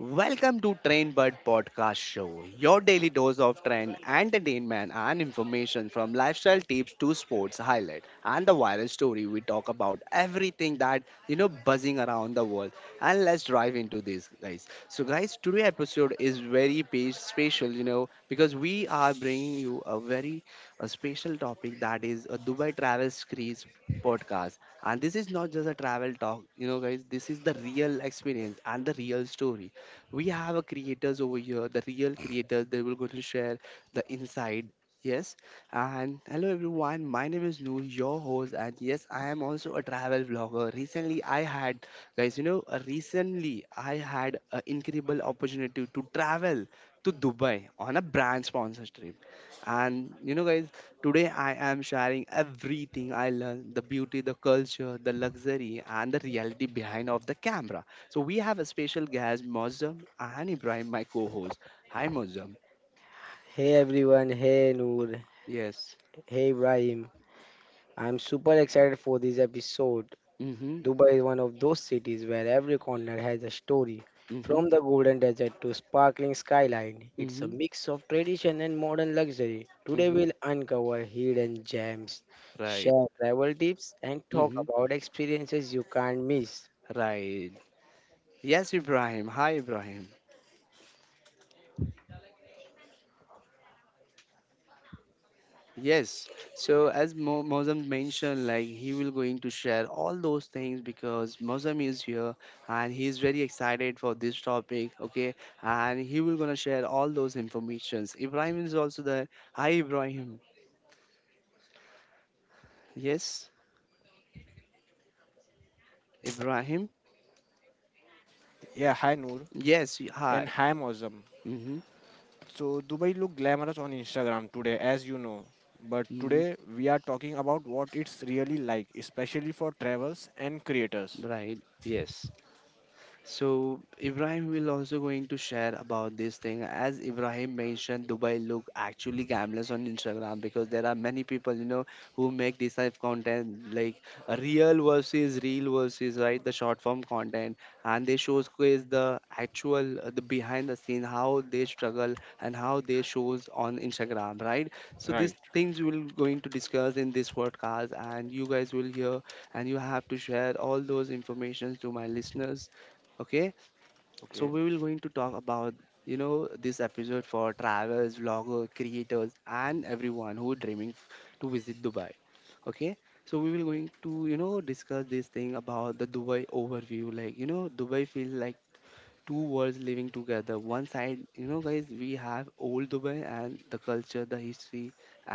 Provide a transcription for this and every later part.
Welcome to Train Bird Podcast Show, your daily dose of trend, entertainment, and information from lifestyle tips to sports highlight and the viral story. We talk about everything that buzzing around the world. And let's dive into this, guys. So, guys, today episode is very special, because we are bringing you a very, a special topic that is a Dubai travel screens podcast, and this is not just a travel talk, guys. This is the real experience and the real story. We have a creators over here, the real creators. They will going to share the inside. Yes. And hello everyone, my name is Noor, your host, and yes, I am also a travel vlogger. Recently, I had an incredible opportunity to travel to Dubai on a brand sponsor trip. And, guys, today I am sharing everything I learned: the beauty, the culture, the luxury, and the reality behind of the camera. So we have a special guest, Mozam and Ibrahim, my co-host. Hi, Mozam. Hey everyone, hey Noor, Yes. hey Ibrahim. I'm super excited for this episode. Mm-hmm. Dubai is one of those cities where every corner has a story. Mm-hmm. From the golden desert to sparkling skyline, it's a Mm-hmm. mix of tradition and modern luxury. Today Mm-hmm. we'll uncover hidden gems, Right. share travel tips, and talk Mm-hmm. about experiences you can't miss. Right. Yes, Ibrahim. Hi, Ibrahim. Yes. So as Mozam mentioned, like he will going to share all those things because Mozam is here and he is very excited for this topic. Okay, and he will gonna share all those informations. Ibrahim is also there. Hi, Ibrahim. Yes, Ibrahim. Yeah, hi Noor Yes, hi. and hi Mozam. Mm-hmm. So Dubai look glamorous on Instagram today as you know. But Mm-hmm. today we are talking about what it's really like, especially for travels and creators. Right. Yes. So Ibrahim will also going to share about this thing. As Ibrahim mentioned, Dubai look actually gamblers on Instagram because there are many people, who make this type of content, like a real versus, real versus, right, the short form content, and they showcase the actual, the behind the scene, how they struggle and how they shows on Instagram, right. So Right. these things we'll going to discuss in this podcast, and you guys will hear, and you have to share all those informations to my listeners. Okay. So Okay. we will going to talk about, this episode for travelers, vlogger, creators, and everyone who dreaming to visit Dubai. Okay. So we will going to, discuss this thing about the Dubai overview. Like, Dubai feels like two worlds living together. One side, guys, we have old Dubai and the culture, the history,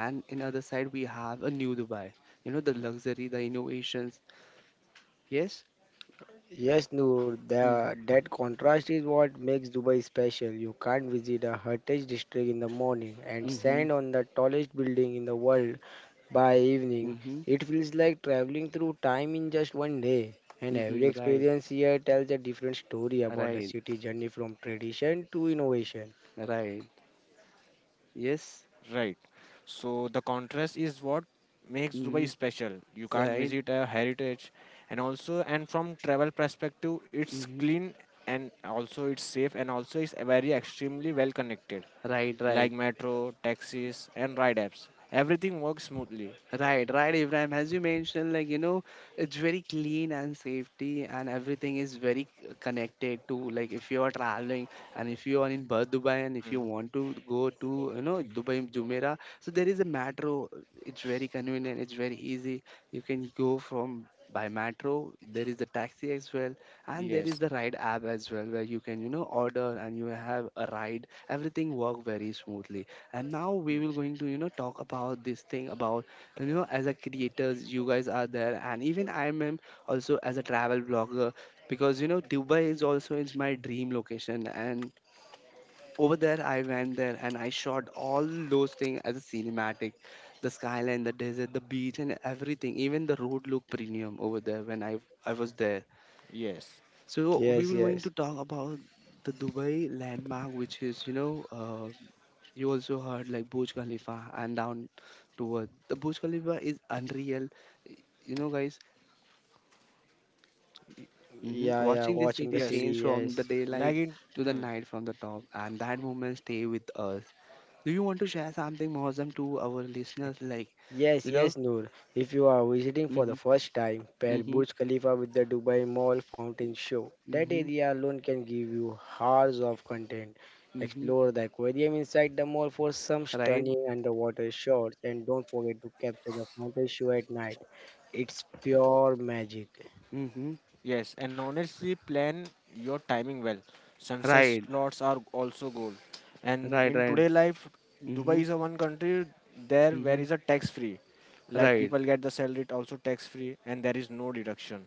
and in other side we have a new Dubai, the luxury, the innovations. Yes. Yes, Noor, Mm-hmm, that contrast is what makes Dubai special. You can't visit a heritage district in the morning and mm-hmm, stand on the tallest building in the world by evening. mm-hmm, It feels like traveling through time in just one day. And every mm-hmm. Right, experience here tells a different story about the right. city journey from tradition to innovation. Right. Yes. Right. So the contrast is what makes Dubai Mm-hmm. special. You can't Right. visit a heritage, and also and from travel perspective it's Mm-hmm. clean and also it's safe and also it's very extremely well connected Right. like Right. metro, taxis and ride apps. Everything works smoothly. Right, right, Ibrahim. As you mentioned, like, it's very clean and safety, and everything is very connected to, like, if you are traveling and if you are in Bur Dubai and if you Mm. want to go to, Dubai Jumeirah, so there is a metro. It's very convenient, it's very easy. You can go from by metro, there is the taxi as well, and there Yes. is the ride app as well, where you can, order and you have a ride. Everything work very smoothly. And now we will going to, talk about this thing about, as a creators, you guys are there, and even I am also as a travel blogger, because, Dubai is also is my dream location. And over there I went there and I shot all those things as a cinematic: the skyline, the desert, the beach, and everything. Even the road looked premium over there when I was there. Yes. So we Yes, will going yes. to talk about the Dubai landmark, which is, you also heard like Burj Khalifa, and down to earth. The Burj Khalifa is unreal. Y- Guys, Yeah, yeah, watching this watching the city Yes. change city, from the yes. Like daylight in to the hmm. night from the top, and that moment stay with us. Do you want to share something awesome to our listeners? Like, you Yes, know, yes, Noor. If you are visiting for mm-hmm, the first time, pair mm-hmm, Burj Khalifa with the Dubai Mall Fountain Show. That mm-hmm, area alone can give you hours of content. mm-hmm, Explore the aquarium inside the mall for some right, stunning underwater shots, and don't forget to capture the fountain show at night. It's pure magic. mm-hmm, Yes, and honestly, plan your timing well. Sunset right, slots are also goal. And right, in right, today life, mm-hmm, Dubai is a one country there where mm-hmm, is a tax free. Like right. people get the salary it also tax free, and there is no deduction.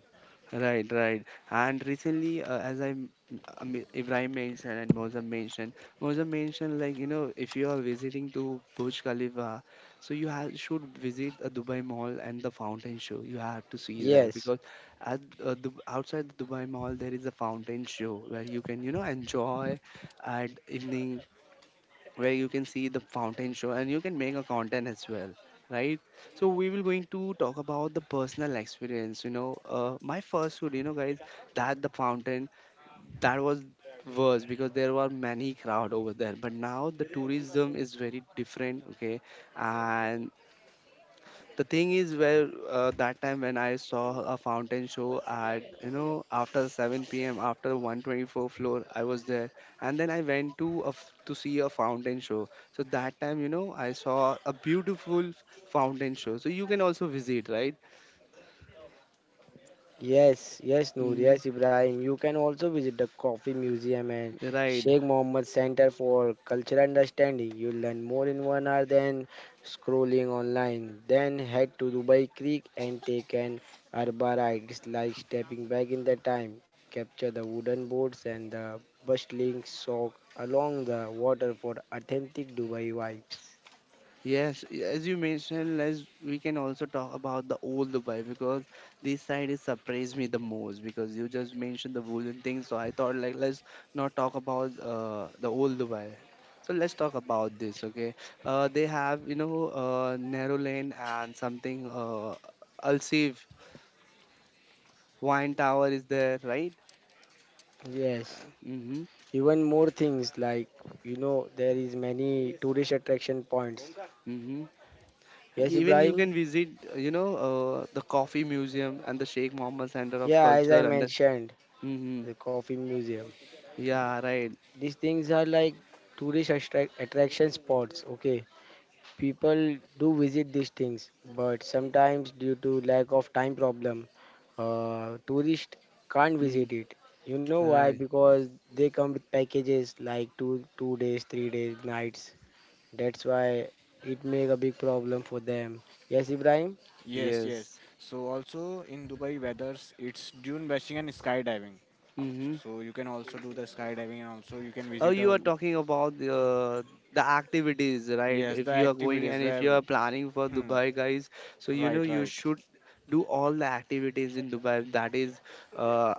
Right, right. And recently, as I mean, Ibrahim mentioned and Mozam mentioned like, if you are visiting to Burj Khalifa, so you have should visit a Dubai Mall and the fountain show. You have to see that Yes. because at Dub outside the Dubai Mall there is a fountain show where you can, enjoy at evening, where you can see the fountain show and you can make a content as well, right. So we will going to talk about the personal experience. My first food, guys, that, the fountain, that was worse because there were many crowd over there, but now the tourism is very different. Okay. And the thing is where, that time when I saw a fountain show at, after 7 p.m., after 124 floor I was there, and then I went to to see a fountain show. So that time, I saw a beautiful fountain show, so you can also visit, right. Yes, yes, Noor, Mm, yes, Ibrahim. You can also visit the Coffee Museum and right. Sheikh Mohammed Center for Cultural Understanding. You'll learn more in one hour than scrolling online. Then head to Dubai Creek and take an Arba ride. It's like stepping back in the time. Capture the wooden boats and the bustling soak along the water for authentic Dubai vibes. Yes, as you mentioned, let's we can also talk about the old Dubai because this side is surprised me the most because you just mentioned the wooden thing. So I thought like, let's not talk about, the old Dubai. So let's talk about this, okay? They have, narrow lane and something, Al Seef wine tower is there, right? Yes, Mm-hmm. even more things like there is many tourist attraction points. Mm-hmm. Yes, Even you Ibrahim. can visit, the coffee museum and the Sheikh Mohammed Center of Yeah, as I Culture and the. mentioned, Mm-hmm. the coffee museum. Yeah, right. These things are like tourist attraction spots. Okay, people do visit these things, but sometimes due to lack of time problem, tourists can't Mm, visit it. You know why? right. Because they come with packages like two days, 3 days, nights. That's why it make a big problem for them. Yes, Ibrahim. Yes, yes. Yes. So also in Dubai weathers, it's dune bashing and skydiving. Mm-hmm. So you can also do the skydiving and also you can Oh, visit you a are talking about the activities, right? yes If the you are going activities and if where you are planning for hmm Dubai, guys, so right you right should do all the activities in Dubai. That is, uh,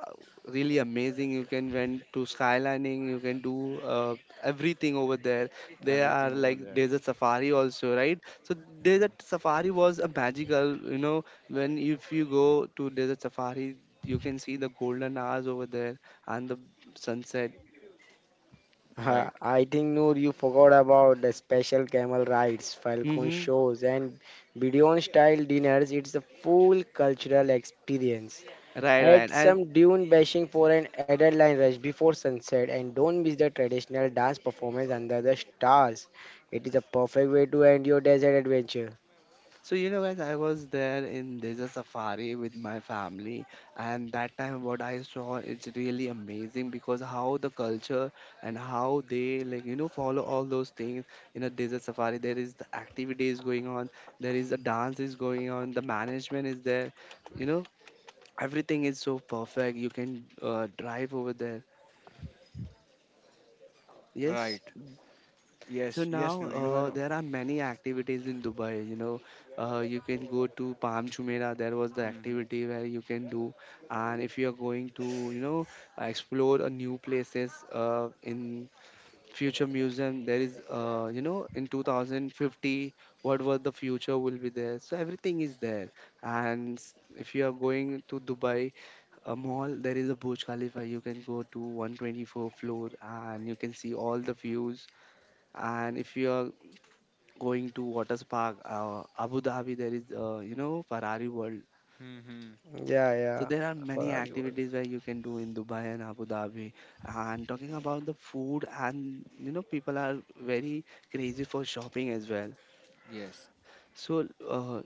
really amazing. You can went to skylining. You can do, uh, everything over there. There are everything over like there desert safari also, right? So desert safari was a magical. When if you go to desert safari, you can see the golden hours over there and the sunset. Uh, right I think Noor, you forgot about the special camel rides, falcon hmm shows, and Bedouin style dinners. It's a full cultural experience. Right, right. Add And some dune bashing for an adrenaline rush before sunset, and don't miss the traditional dance performance under the stars. It is a perfect way to end your desert adventure. so, guys, I was there in Desert Safari with my family, and that time what I saw, it's really amazing, because how the culture and how they like, follow all those things in a Desert Safari. There is the activities going on, there is the dance is going on, the management is there, you know, everything is so perfect. You can, drive over there. Yes. right. So Yes, yes, now, Noor, you are. There are many activities in Dubai. You can go to Palm Jumeirah. There was the activity where you can do, and if you are going to, explore a new places, in future museum, there is, in 2050, what was the future will be there. So everything is there. And if you are going to Dubai a mall, there is a Burj Khalifa. You can go to 124 floor, and you can see all the views. And if you are going to water park, Abu Dhabi, there is, Ferrari World. Mm-hmm. Yeah, So yeah, there are for many our world. activities where you can do in Dubai and Abu Dhabi. And talking about the food, and, people are very crazy for shopping as well. Yes, So,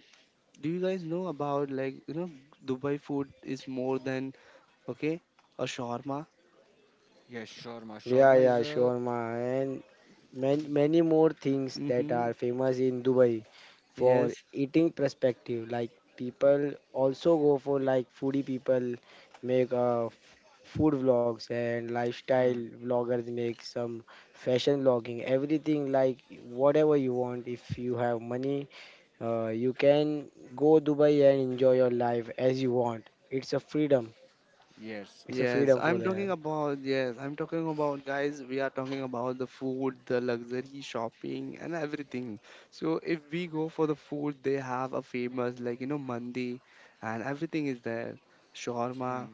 do you guys know about, like, Dubai food is more than, okay, a shawarma. yes, shawarma. Yeah, Shawarma is yeah, a. sure, ma. And Many more things that Mm-hmm. are famous in Dubai for Yes, eating perspective. Like people also go for like foodie people make food vlogs and Hmm. lifestyle vloggers make some fashion vlogging. Everything like whatever you want. If you have money, you can go Dubai and enjoy your life as you want. It's a freedom. Yes, It's a yes, freedom for I'm talking them. about, yes, I'm talking about, guys, we are talking about the food, the luxury shopping, and everything. So, if we go for the food, they have a famous, like, mandi, and everything is there, shawarma.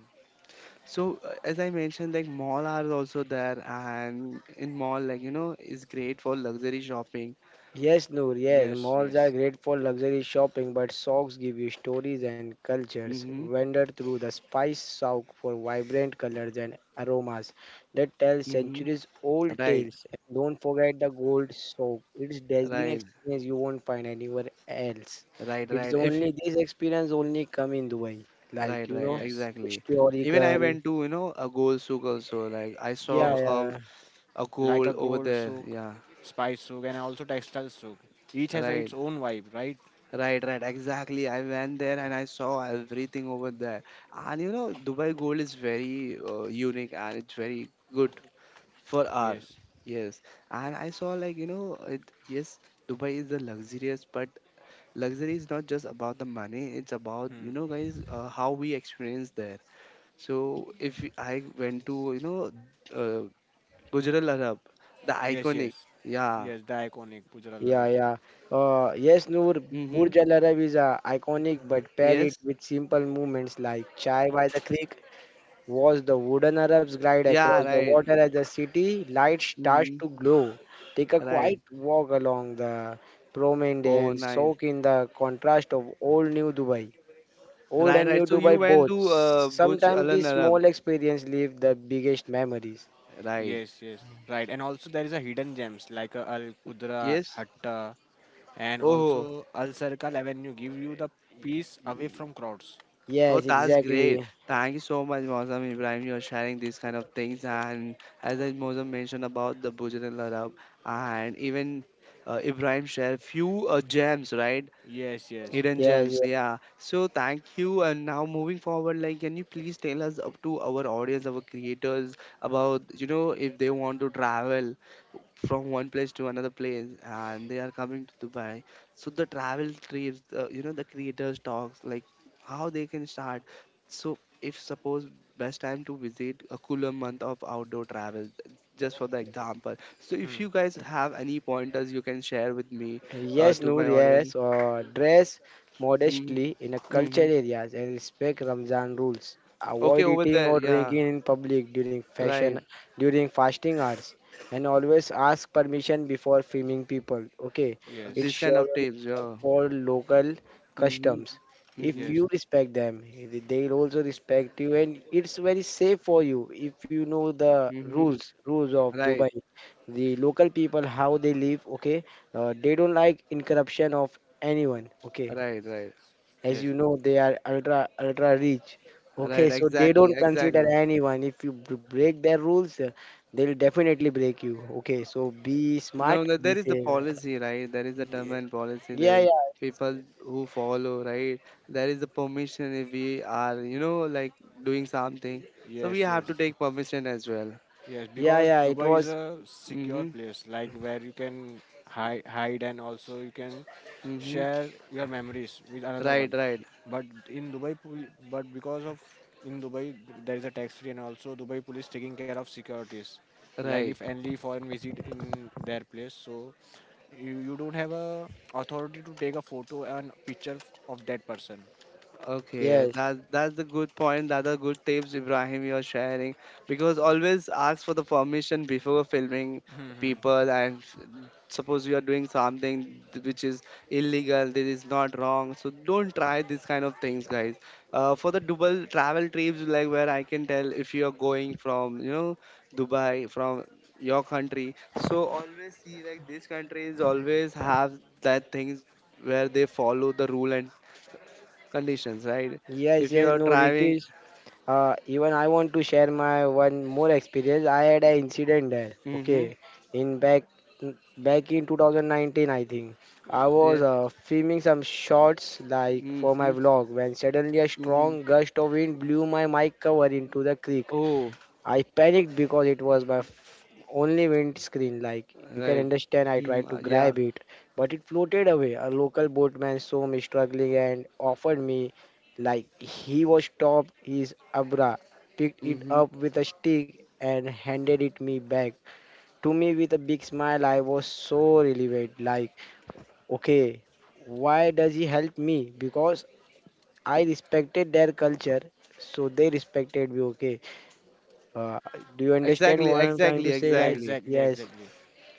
So, as I mentioned, like, mall are also there, and in mall, like, is great for luxury shopping. Yes, Noor, yes, yes, malls are yes, great for luxury shopping, but socks give you stories and cultures. Mm-hmm, Wander through the spice souk for vibrant colors and aromas that tell mm-hmm. centuries-old Right, tales. And don't forget the gold souk. It's dazzling right, experience you won't find anywhere else. right, It's right. If you only this experience only come in Dubai. Like, Right, right, yes, exactly. Even I historical. went to, a goal souk also. Like I Yeah, yes. saw a yeah. a Like a goal over gold there. souk, Yeah, spice souk, and also textile souk. Each has right, its own vibe, right? right, right. Exactly. I went there and I saw everything over there. And, Dubai gold is very, unique and it's very good for our. Yes, Yes. And I saw like, yes, Dubai is the luxurious, but luxury is not just about the money. It's about, guys, how we experience there. So if I went to, uh, Gujral Arab, the yes, iconic, yes, yeah, yes. The iconic Gujarat Yeah, Larab. yeah. Yes, Noor, mm-hmm, Burj Al Arab is iconic, but pair it yes, with simple movements like Chai by the Creek. Watch the wooden Arabs glide yeah, across the right, water as the city light starts mm-hmm, to glow. Take a right. quiet walk along the promenade Oh, and nice, soak in the contrast of old new Dubai. Old right, and new right. So you Dubai went both. to, Burj Sometimes Al these Arab, small experiences leave the biggest memories. right? Yes, yes, right. And also there is a hidden gems like a Al Qudra Yes. Hatta, and Oh, also Al Circle Avenue give you the peace away from crowds. oh, Yes, that's great. exactly. Thank you so much, Mozam, Ibrahim. You're sharing these kind of things, and as I Mozam mentioned about the Burj Al Arab, and even, Ibrahim shared few, gems, right? Yes, yes. Hidden Yes, gems, yeah. So thank you. And now moving forward, can you please tell us up to our audience, our creators, about if they want to travel from one place to another place and they are coming to Dubai. So the travel trips, you know, the creators talks like how they can start. So if suppose best time to visit a cooler month of outdoor travel, just for the example. So if you guys have any pointers, you can share with me yes, to my Noor, audience. yes, dress hmm modestly in a hmm cultured areas and respect Ramzan rules. Okay, Avoid over eating there. or Yeah, drinking in public during fashion, right. during fasting hours, and always ask permission before filming people. Okay, it Yes, These kind shows of tapes. respect Yeah. for local hmm customs. If hmm yes, you respect them, they will also respect you, and it's very safe for you if you know the hmm rules, rules of Right. Dubai, the local people how they live. Okay, they don't like incorruption of anyone. Okay, Right. Right. as yes, you know, they are ultra ultra rich. Okay, Right. so they Exactly. don't consider Exactly. anyone. If you break their rules, they'll definitely break you. Okay, so be No, smart, no, there be is the safe. policy, right? There is a term and policy. There Yeah, is yeah, people who follow, right? There is the permission if we are, you know, like doing something. So we yes, have yes, to take permission as well. yes. yeah, Because yeah. It Dubai is was a secure Mm-hmm. place, like where you can hide, and also you can Mm-hmm. share your memories with another Right. one. Right. But in Dubai, but because of in Dubai there is a tax free, and also Dubai police taking care of securities. Like if Right. any foreign visit in their place, so you don't have a authority to take a photo and picture of that person. Okay, yes, that's the good point. That are good tips, Ibrahim, you're sharing. Because always ask for the permission before filming people. And suppose you are doing something which is illegal, that is not wrong. So don't try these kind of things, guys. For the double travel trips, like where I can tell if you are going from, you know, Dubai from your country. So always see like these countries always have that things where they follow the rule and conditions, right? yes, If you yes. are No, it driving, is. Even I want to share my one more experience. I had an incident there. mm-hmm, Okay, in back in 2019, I think I yeah, was filming some shots like for my mm-hmm, vlog when suddenly a strong mm-hmm. gust of wind blew my mic cover into the creek. Oh, I panicked because it was my only windscreen. Like you can right. understand, I Mm-hmm, tried to yeah. grab it, but it floated away. A local boatman saw me struggling and offered me, like he was stopped his abra, picked it Mm-hmm. up with a stick and handed it me back to me with a big smile. I was so relieved. Like okay, why does he help me? Because I respected their culture, so they respected me. Okay uh, do you understand Exactly, what I'm trying to exactly, say? Yeah, Like, exactly. exactly, yes, exactly.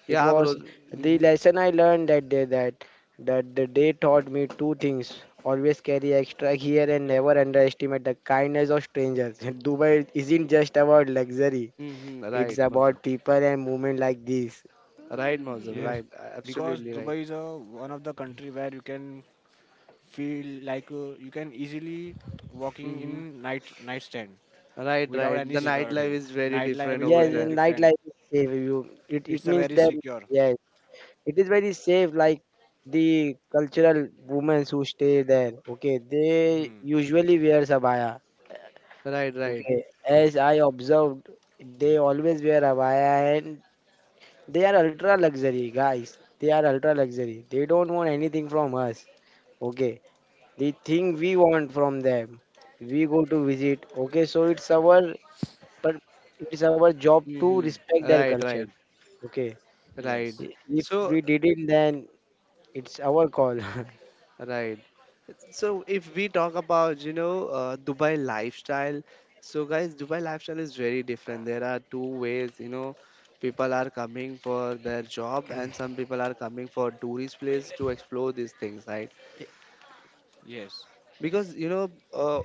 it Yeah, was bro. the Mm-hmm, lesson I learned that day that the day taught me two things. Always carry extra gear and never underestimate the kindness of strangers. Dubai isn't just about luxury. mm-hmm. It's Right, about Muslim. people and movement like this. Right, Muslim. Yes, Mm. Right. Because Absolutely right. Dubai is a one of the country where you can feel like you can easily walking Mm-hmm. in night nightstand Right, without right. any The nightlife security. is very Nightlife different is over Yes, very and there. different. nightlife is safe. You, it, It's it a means very that secure. yes, it is very safe. Like the cultural women who stay there, okay, they Hmm. usually wear sabaya. Right, right. Okay, as I observed, they always wear abaya and they are ultra luxury guys. They are ultra luxury. They don't want anything from us. Okay, the thing we want from them, we go to visit. Okay, so it's our but it's our job to Mm-hmm. respect their Right, culture. right, Okay, right. Yes. if So, we didn't, then it's our call. right. So if we talk about, you know, Dubai lifestyle, so guys, Dubai lifestyle is very different. There are two ways, you know, people are coming for their job and some people are coming for tourist place to explore these things, right? Yes. Because you know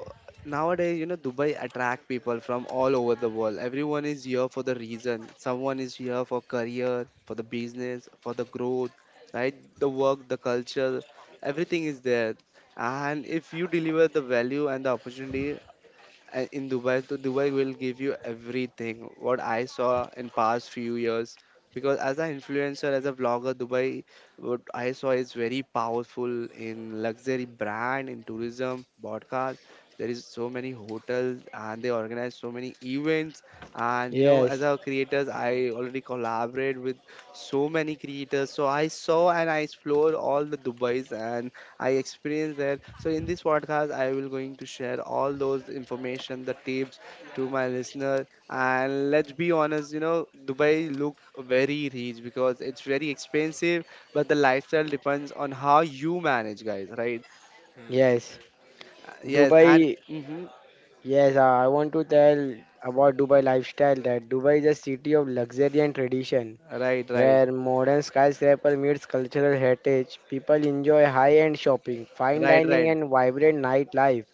nowadays you know Dubai attract people from all over the world. Everyone is here for the reason. Someone is here for career, for the business, for the growth, right? The work, the culture, everything is there. And if you deliver the value and the opportunity in Dubai, so Dubai will give you everything. What I saw in past few years, because as an influencer, as a vlogger, Dubai, what I saw is very powerful in luxury brand, in tourism, podcast. There is so many hotels, and they organize so many events. And you know, as Yes, a creators, Hmm. I already collaborate with so many creators. So I saw and I explored all the Dubai's, and I experienced that. So in this podcast, I will going to share all those information, the tips to my listener. And let's be honest, you know, Dubai look very rich because it's very expensive, but the lifestyle depends on how you manage, guys, right? Hmm. yes. Yes, and Dubai. hmm, Yes, I want to tell about Dubai lifestyle that Dubai is a city of luxury and tradition right, right, where modern skyscraper meets cultural heritage. People enjoy high-end shopping, fine right, dining right, and vibrant nightlife.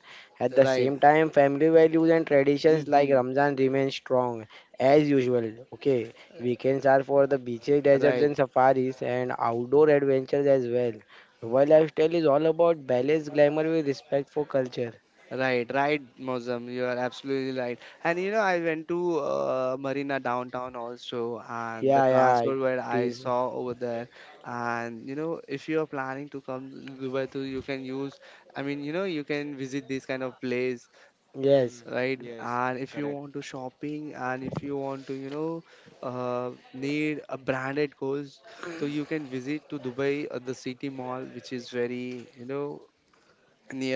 At the right, same time, family values and traditions like hmm, Ramzan remain strong as usual. Okay, weekends are for the beaches, deserts right. and safaris and outdoor adventures as well. Dubai lifestyle is all about balance, glamour with respect for culture. Right, right, Mozam. You are absolutely right. And you know, I went to Marina downtown also, and the Yeah, yeah, it transport where I is. saw over there. And you know, if you are planning to come to Dubai too, you can use. I mean, you know, you can visit this kind of place, Hmm. Yes, right? Yes. And if you Correct. want to shopping, and if you want to, you know, need a branded clothes, so you can visit to Dubai, the city mall, which is very, you know,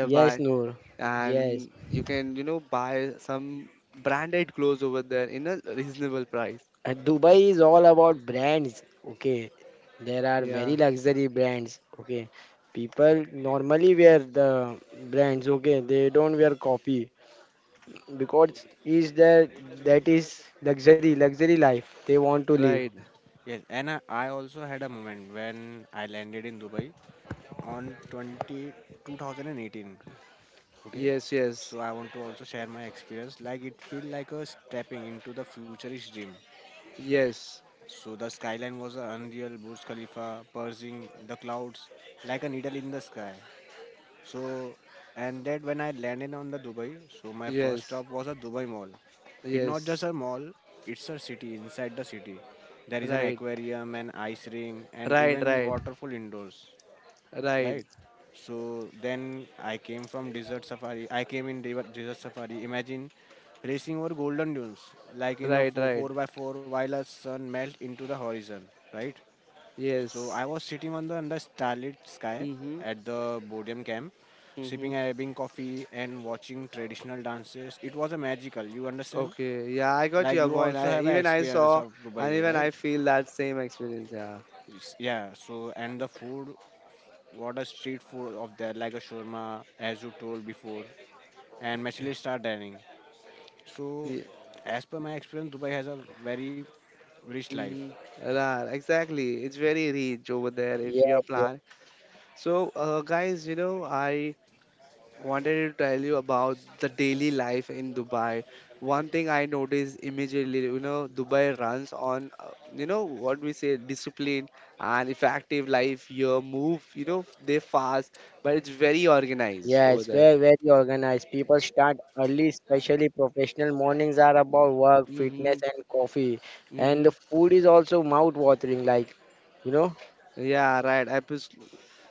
yes, Noor. Yes. and you can, you know, buy some branded clothes over there in a reasonable price. And Dubai is all about brands. Okay. There are Yeah, very luxury brands. Okay. People normally wear the brands. Okay. They don't wear copy because is that that is luxury, luxury life they want to live. right, Yes. And I also had a moment when I landed in Dubai on 20 2018. Okay, yes, yes, so I want to also share my experience. Like it felt like a stepping into the futurist dream. yes, So the skyline was a unreal Burj Khalifa, purging the clouds like a needle in the sky. So, and that when I landed on the Dubai, so my first yes, stop was a Dubai Mall. It's not just yes, a mall, it's a city inside the city. There is an right, aquarium, an ice ring and right, even right, waterfall indoors, right, right? So then I came from desert safari. I came in desert safari. Imagine racing over golden dunes, like in a right, right, four by four, while the sun melts into the horizon, right? So yes, I was sitting on the under starlit sky mm-hmm, at the Bodiam camp, mm-hmm. sipping Arabian coffee and watching traditional dances. It was a magical. You understand? Okay, yeah, I got Like your you point. also I have an even, I experience saw of and Dubai, even right? I feel that same experience. Yeah, It's- Yeah. So and the food, what a street food of there, like a shawarma, as you told before, and Michelin star dining. So, yeah. as per my experience, Dubai has a very rich life. Mm-hmm. Right, exactly. It's very rich over there if you're Yes, yes. plan. So, guys, you know, I wanted to tell you about the daily life in Dubai. One thing I noticed immediately, you know, Dubai runs on, you know, what we say, discipline and effective life. Your move, you know, they fast, but it's very organized over Yes, there. very, very organized. People start early, especially professional mornings are about work, fitness, hmm and coffee. And hmm the food is also mouth wateringyou know. Yeah, right.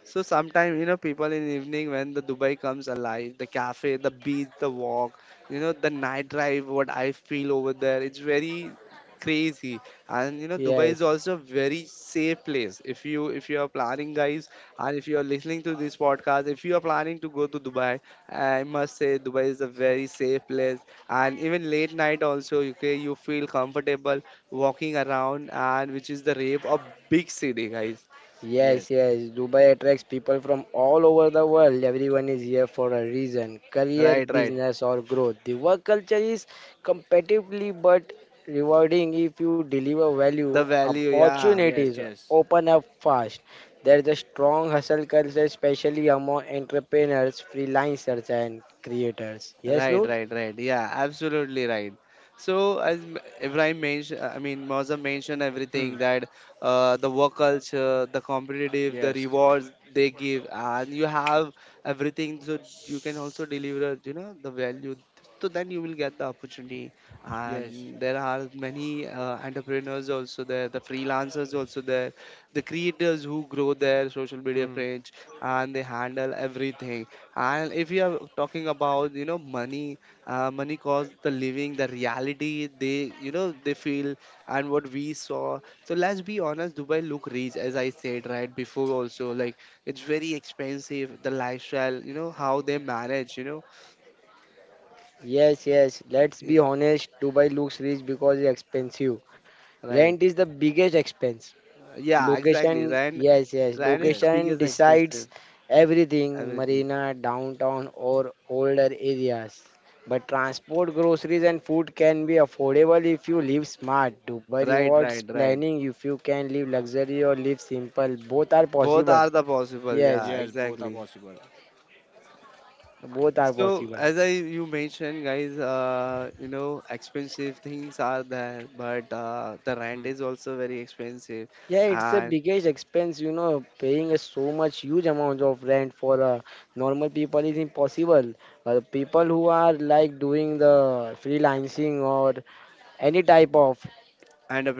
So sometimes you know people in evening when the Dubai comes alive, the cafe, the beach, the walk, you know, the night drive. What I feel over there, it's very crazy. And you know Dubai is Yes, also a very safe place. If you are planning, guys, and if you are listening to this podcast, if you are planning to go to Dubai, I must say Dubai is a very safe place. And even late night also, okay, you feel comfortable walking around, and which is the rave of big city, guys. Yes, yes, yes. Dubai attracts people from all over the world. Everyone is here for a reason career, Right, right. business, or growth. The work culture is competitively but rewarding if you deliver value. The value, yeah, yes, Opportunities yes. open up fast. There is a strong hustle culture, especially among entrepreneurs, freelancers, and creators. Yes, right, Noor? right, right, yeah, absolutely right. So as Ibrahim mentioned, I mean Mozam mentioned Hmm. everything, that the work culture, the competitive, the Yes, rewards they give, and you have everything. So you can also deliver, you know, the value, so then you will get the opportunity. yes. And there are many entrepreneurs also there, the freelancers also there, the creators who grow their social media Hmm. page and they handle everything. And if you are talking about, you know, money, money costs the living, the reality they, you know, they feel and what we saw. So let's be honest, Dubai look rich, as I said right before also. Like it's very expensive, the lifestyle, you know, how they manage, you know. Yes, yes. Let's be Yeah, honest. Dubai looks rich because it's expensive. Rent right. is the biggest expense. Yeah. Yeah, exactly. Location, Rent, yes, yes. rent is Yes, the Location biggest decides expensive, everything, everything. marina, downtown, or older areas. But transport, groceries, and food can be affordable if you live smart. Dubai Right, rewards right, right. planning if you can live luxury or live simple. Both are Both possible. are the possible. Yes, Yeah, yes. Both are exactly. possible. both are So possible. as I you mentioned, guys, you know, expensive things are there, but the rent is also very expensive, Yeah, it's a and biggest expense, you know, paying a so much huge amount of rent for normal people is impossible. People who are like doing the freelancing or any type of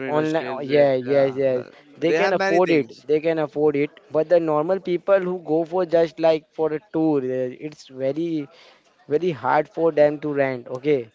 online, oh, yeah, eh, yes, yeah, yes, the, they they can have many afford it. things. They can afford it. But the normal people who go for just like for a tour, eh, it's very, very hard for them to rent. Okay,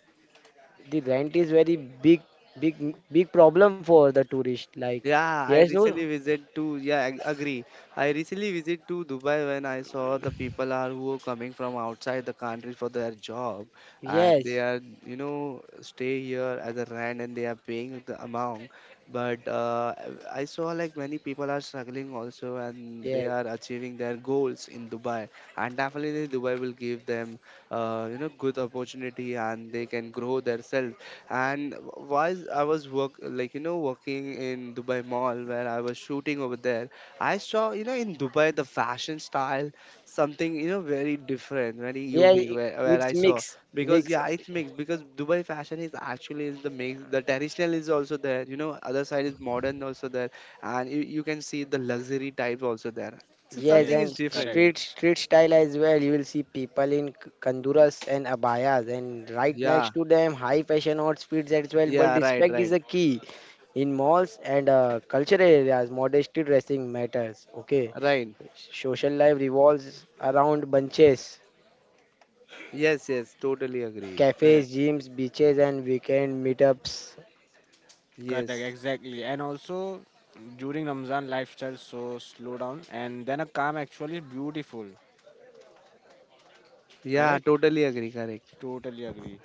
the rent is very big, big, big problem for the tourist. Like, Yeah, I yes, no, recently visit to yeah, agree. I recently visit to Dubai when I saw the people are who are coming from outside the country for their job and yes. they are, you know, stay here as a rent and they are paying the amount. But uh, I saw like many people are struggling also and they Yes. are achieving their goals in Dubai, and definitely Dubai will give them you know good opportunity and they can grow themselves. And while I was work, like, you know, working in Dubai mall where I was shooting over there, I saw, you know, in Dubai the fashion style something, you know, very different, very Yeah, unique, where I it's saw, mix, because mix. yeah, it's mixed, because Dubai fashion is actually is the mix. The traditional is also there, you know, other side is modern also there, and you can see the luxury type also there, so Yes, something Yes, is and different correct, there. street style as well. You will see people in kanduras and abayas, and right Yeah, next to them, high fashion outfits as well. But yeah, right, respect is right, a key in malls and cultural areas. Modesty dressing matters. Okay, right, social life revolves around bunches, yes, yes, totally agree, cafes, correct, gyms, beaches, and weekend meetups. correct. yes. Exactly. And also, during Ramzan, lifestyle so slow down, and then a calm actually is beautiful. Yeah, Correct. totally agree. Correct. Totally agree.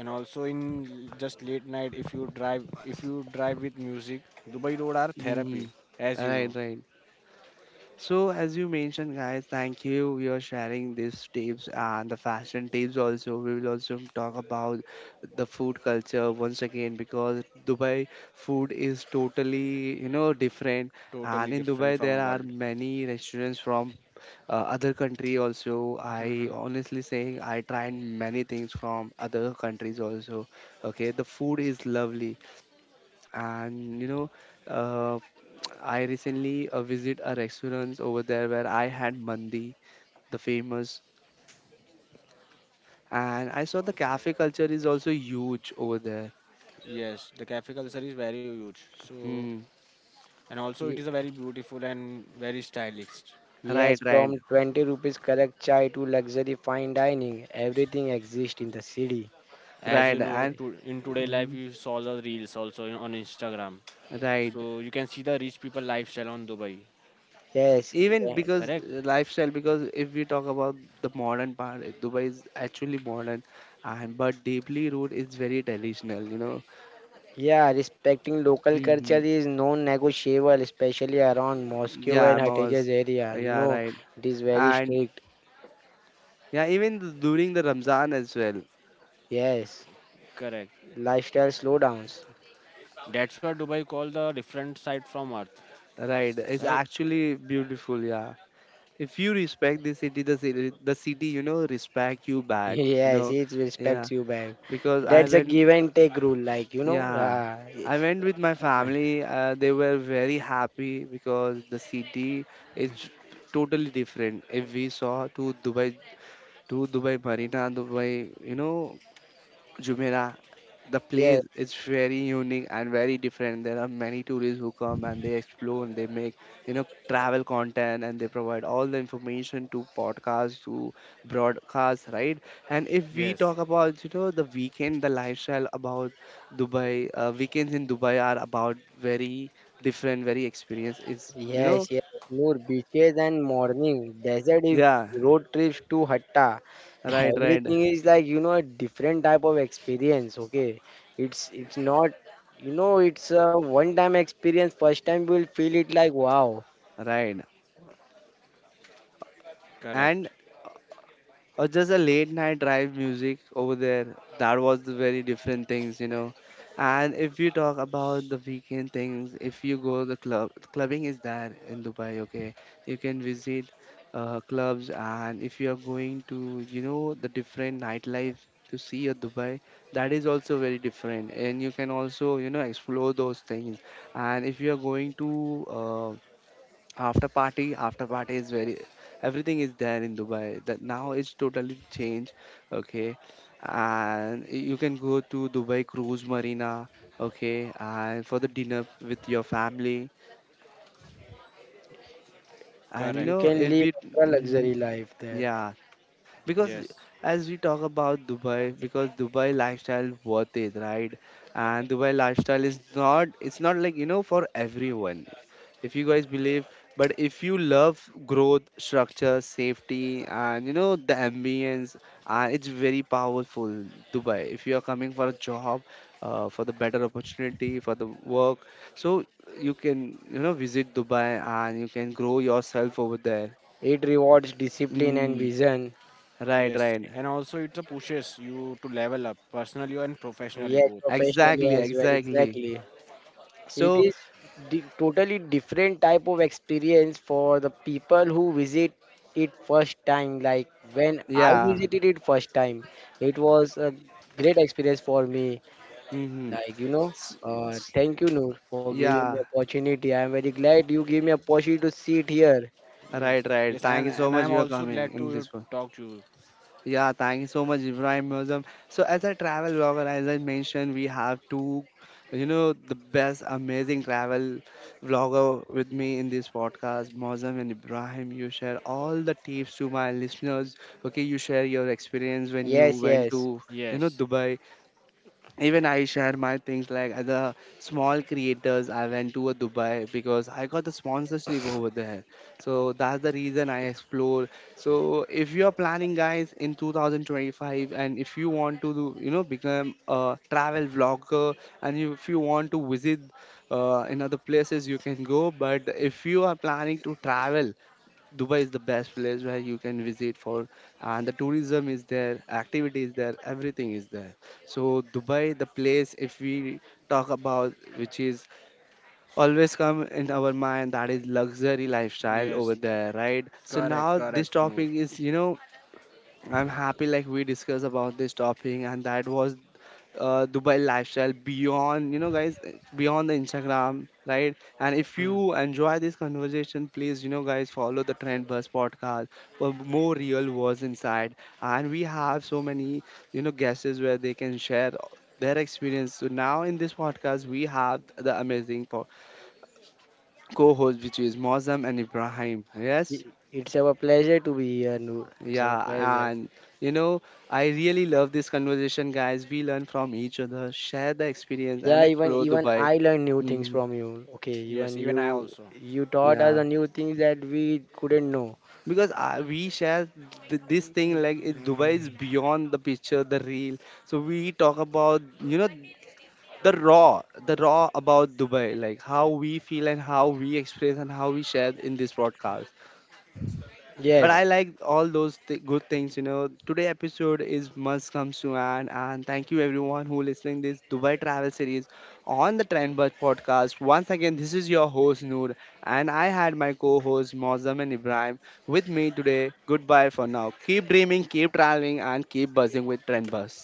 And also in just late night, if you drive, if you drive with music, Dubai road are therapy, Hmm. as you know. Right, right. So as you mentioned, guys, thank you. You're sharing these tips and the fashion tips also. We will also talk about the food culture once again, because Dubai food is totally, you know, different. Totally And in different Dubai, there from are world. many restaurants from other country also. I Hmm. honestly saying I tried many things from other countries also. Okay, the food is lovely, and you know, uh, I recently visit a restaurant over there where I had mandi, the famous, and I saw the cafe culture is also huge over there. Yes, the cafe culture is very huge. So, Mm, and also it is a very beautiful and very stylish. right, Yes, right, from 20 rupees correct chai to luxury fine dining, everything exists in the city. As right, you know and to, in today life mhm, you saw the reels also on Instagram, right, so you can see the rich people lifestyle on Dubai. Yes, even eh, because Correct, lifestyle, because if we talk about the modern part, Dubai is actually modern, and but deeply root is very traditional, you know. yeah, respecting local culture Hmm, is non-negotiable, especially around Moscow yeah and malls, Hatejas area. You yeah know, right, it is very and strict. yeah, even during the Ramzan as well, Yes, correct. lifestyle slowdowns. That's why Dubai called the different side from earth. right? It's Right. actually beautiful. Yeah, if you respect the city, the city, you know, respect you back. You Yes, know, it yeah, respects you back. because I Yes, That's a give went, and take rule. yeah, Uh, I went with my family. They were very happy because the city is totally different. If we saw to Dubai Marina, Dubai, you know, Jumeirah, the yes. place is very unique and very different. There are many tourists who come and they explore and they make, you know, travel content and they provide all the information to podcasts, to broadcasts, right? And if we yes, talk about, you know, the weekend, the lifestyle about Dubai, weekends in Dubai are about very different, very experience. It's, you know, Yes, yes, more beaches and morning, desert even, yeah, road trips to Hatta. right, right, Everything is like, a different type of experience, okay? It's not, it's a one-time experience. First time you will feel it like, wow, right. And correct. or just a late night drive music over there, that was the very different things, you know. And if you talk about the weekend things, if you go the club, clubbing is there in Dubai, okay, you can visit clubs, and if you are going to, you know, the different nightlife to see at Dubai, that is also very different, and you can also, you know, explore those things. And if you are going to uh, after party is very, everything is there in Dubai, that now it's totally changed, okay. And you can go to Dubai cruise marina, okay, and for the dinner with your family. And you you know, Correct. can if live we. a Mhm. luxury life there. Yeah, because Yes. as we talk about Dubai, because Dubai lifestyle worth it, right? And Dubai lifestyle is not, it's not like, you know, for everyone, if you guys believe. But if you love growth, structure, safety, and you know, the ambience, and it's very powerful. Dubai, if you are coming for a job, for the better opportunity, for the work, so you can, you know, visit Dubai and you can grow yourself over there. It rewards discipline and Mm, vision. right, Yes. right. And also it pushes you to level up personally and professionally Yes, both. professionally Exactly, as well, exactly. exactly. It So, is totally different type of experience for the people who visit it first time. Like when I yeah. visited it first time, it was a great experience for me. Mm-hmm. Like you know, thank you Noor for giving me Yeah, opportunity. I am very glad you gave me opportunity to sit here. Yes. right, right. Yes. Thank you so And much, I'm you are also coming glad in to this one. talk to you. Yeah, thank you so much, Ibrahim Muazzam. So, as a travel blogger, as I mentioned, we have two, you know, the best, amazing travel vlogger with me in this podcast, Muazzam and Ibrahim. You share all the tips to my listeners. Okay, you share your experience when you Yes, went yes. to, you know, Yes. Dubai. Even I share my things like as a small creators. I went to a Dubai because I got the sponsorship over there. So that's the reason I explore. So if you are planning, guys, in 2025, and if you want to, do, you know, become a travel vlogger, and you, if you want to visit in other places, you can go. But if you are planning to travel, Dubai is the best place where you can visit for, and the tourism is there, activity is there, everything is there. So Dubai, the place if we talk about, which is always come in our mind, that is luxury lifestyle Yes. over there, right? So Correct. now this Correct, Noor. topic is, you know, I'm happy like we discussed about this topic, and that was Dubai lifestyle beyond, you know, guys, beyond the Instagram, right? And if Hmm. you enjoy this conversation, please, you know, guys, follow the Trend Buzz podcast for more real words inside. And we have so many, you know, guests where they can share their experience. So now in this podcast, we have the amazing co host, which is Mozam and Ibrahim. Yes. It's our pleasure to be here, Noor. It's our Yeah, pleasure. and you know, I really love this conversation, guys. We learn from each other, share the experience, and Yeah, even explore even Dubai. I learned new things Mm, from you. Okay, Yes. even Even I you also. you taught yeah, us a new things that we couldn't know. because we share this thing like it, Dubai is beyond the picture, the real. So we talk about, you know, the raw about Dubai, like how we feel and how we experience and how we share in this broadcast. But Yes, I Correct. like all those good things, you know, today episode is must comes to an and, thank you everyone who listening this Dubai travel series on the TrendBus podcast. Once again, this is your host Noor, and I had my co-host Mozam and Ibrahim with me today. Goodbye for now, keep dreaming, keep traveling, and keep buzzing with TrendBus.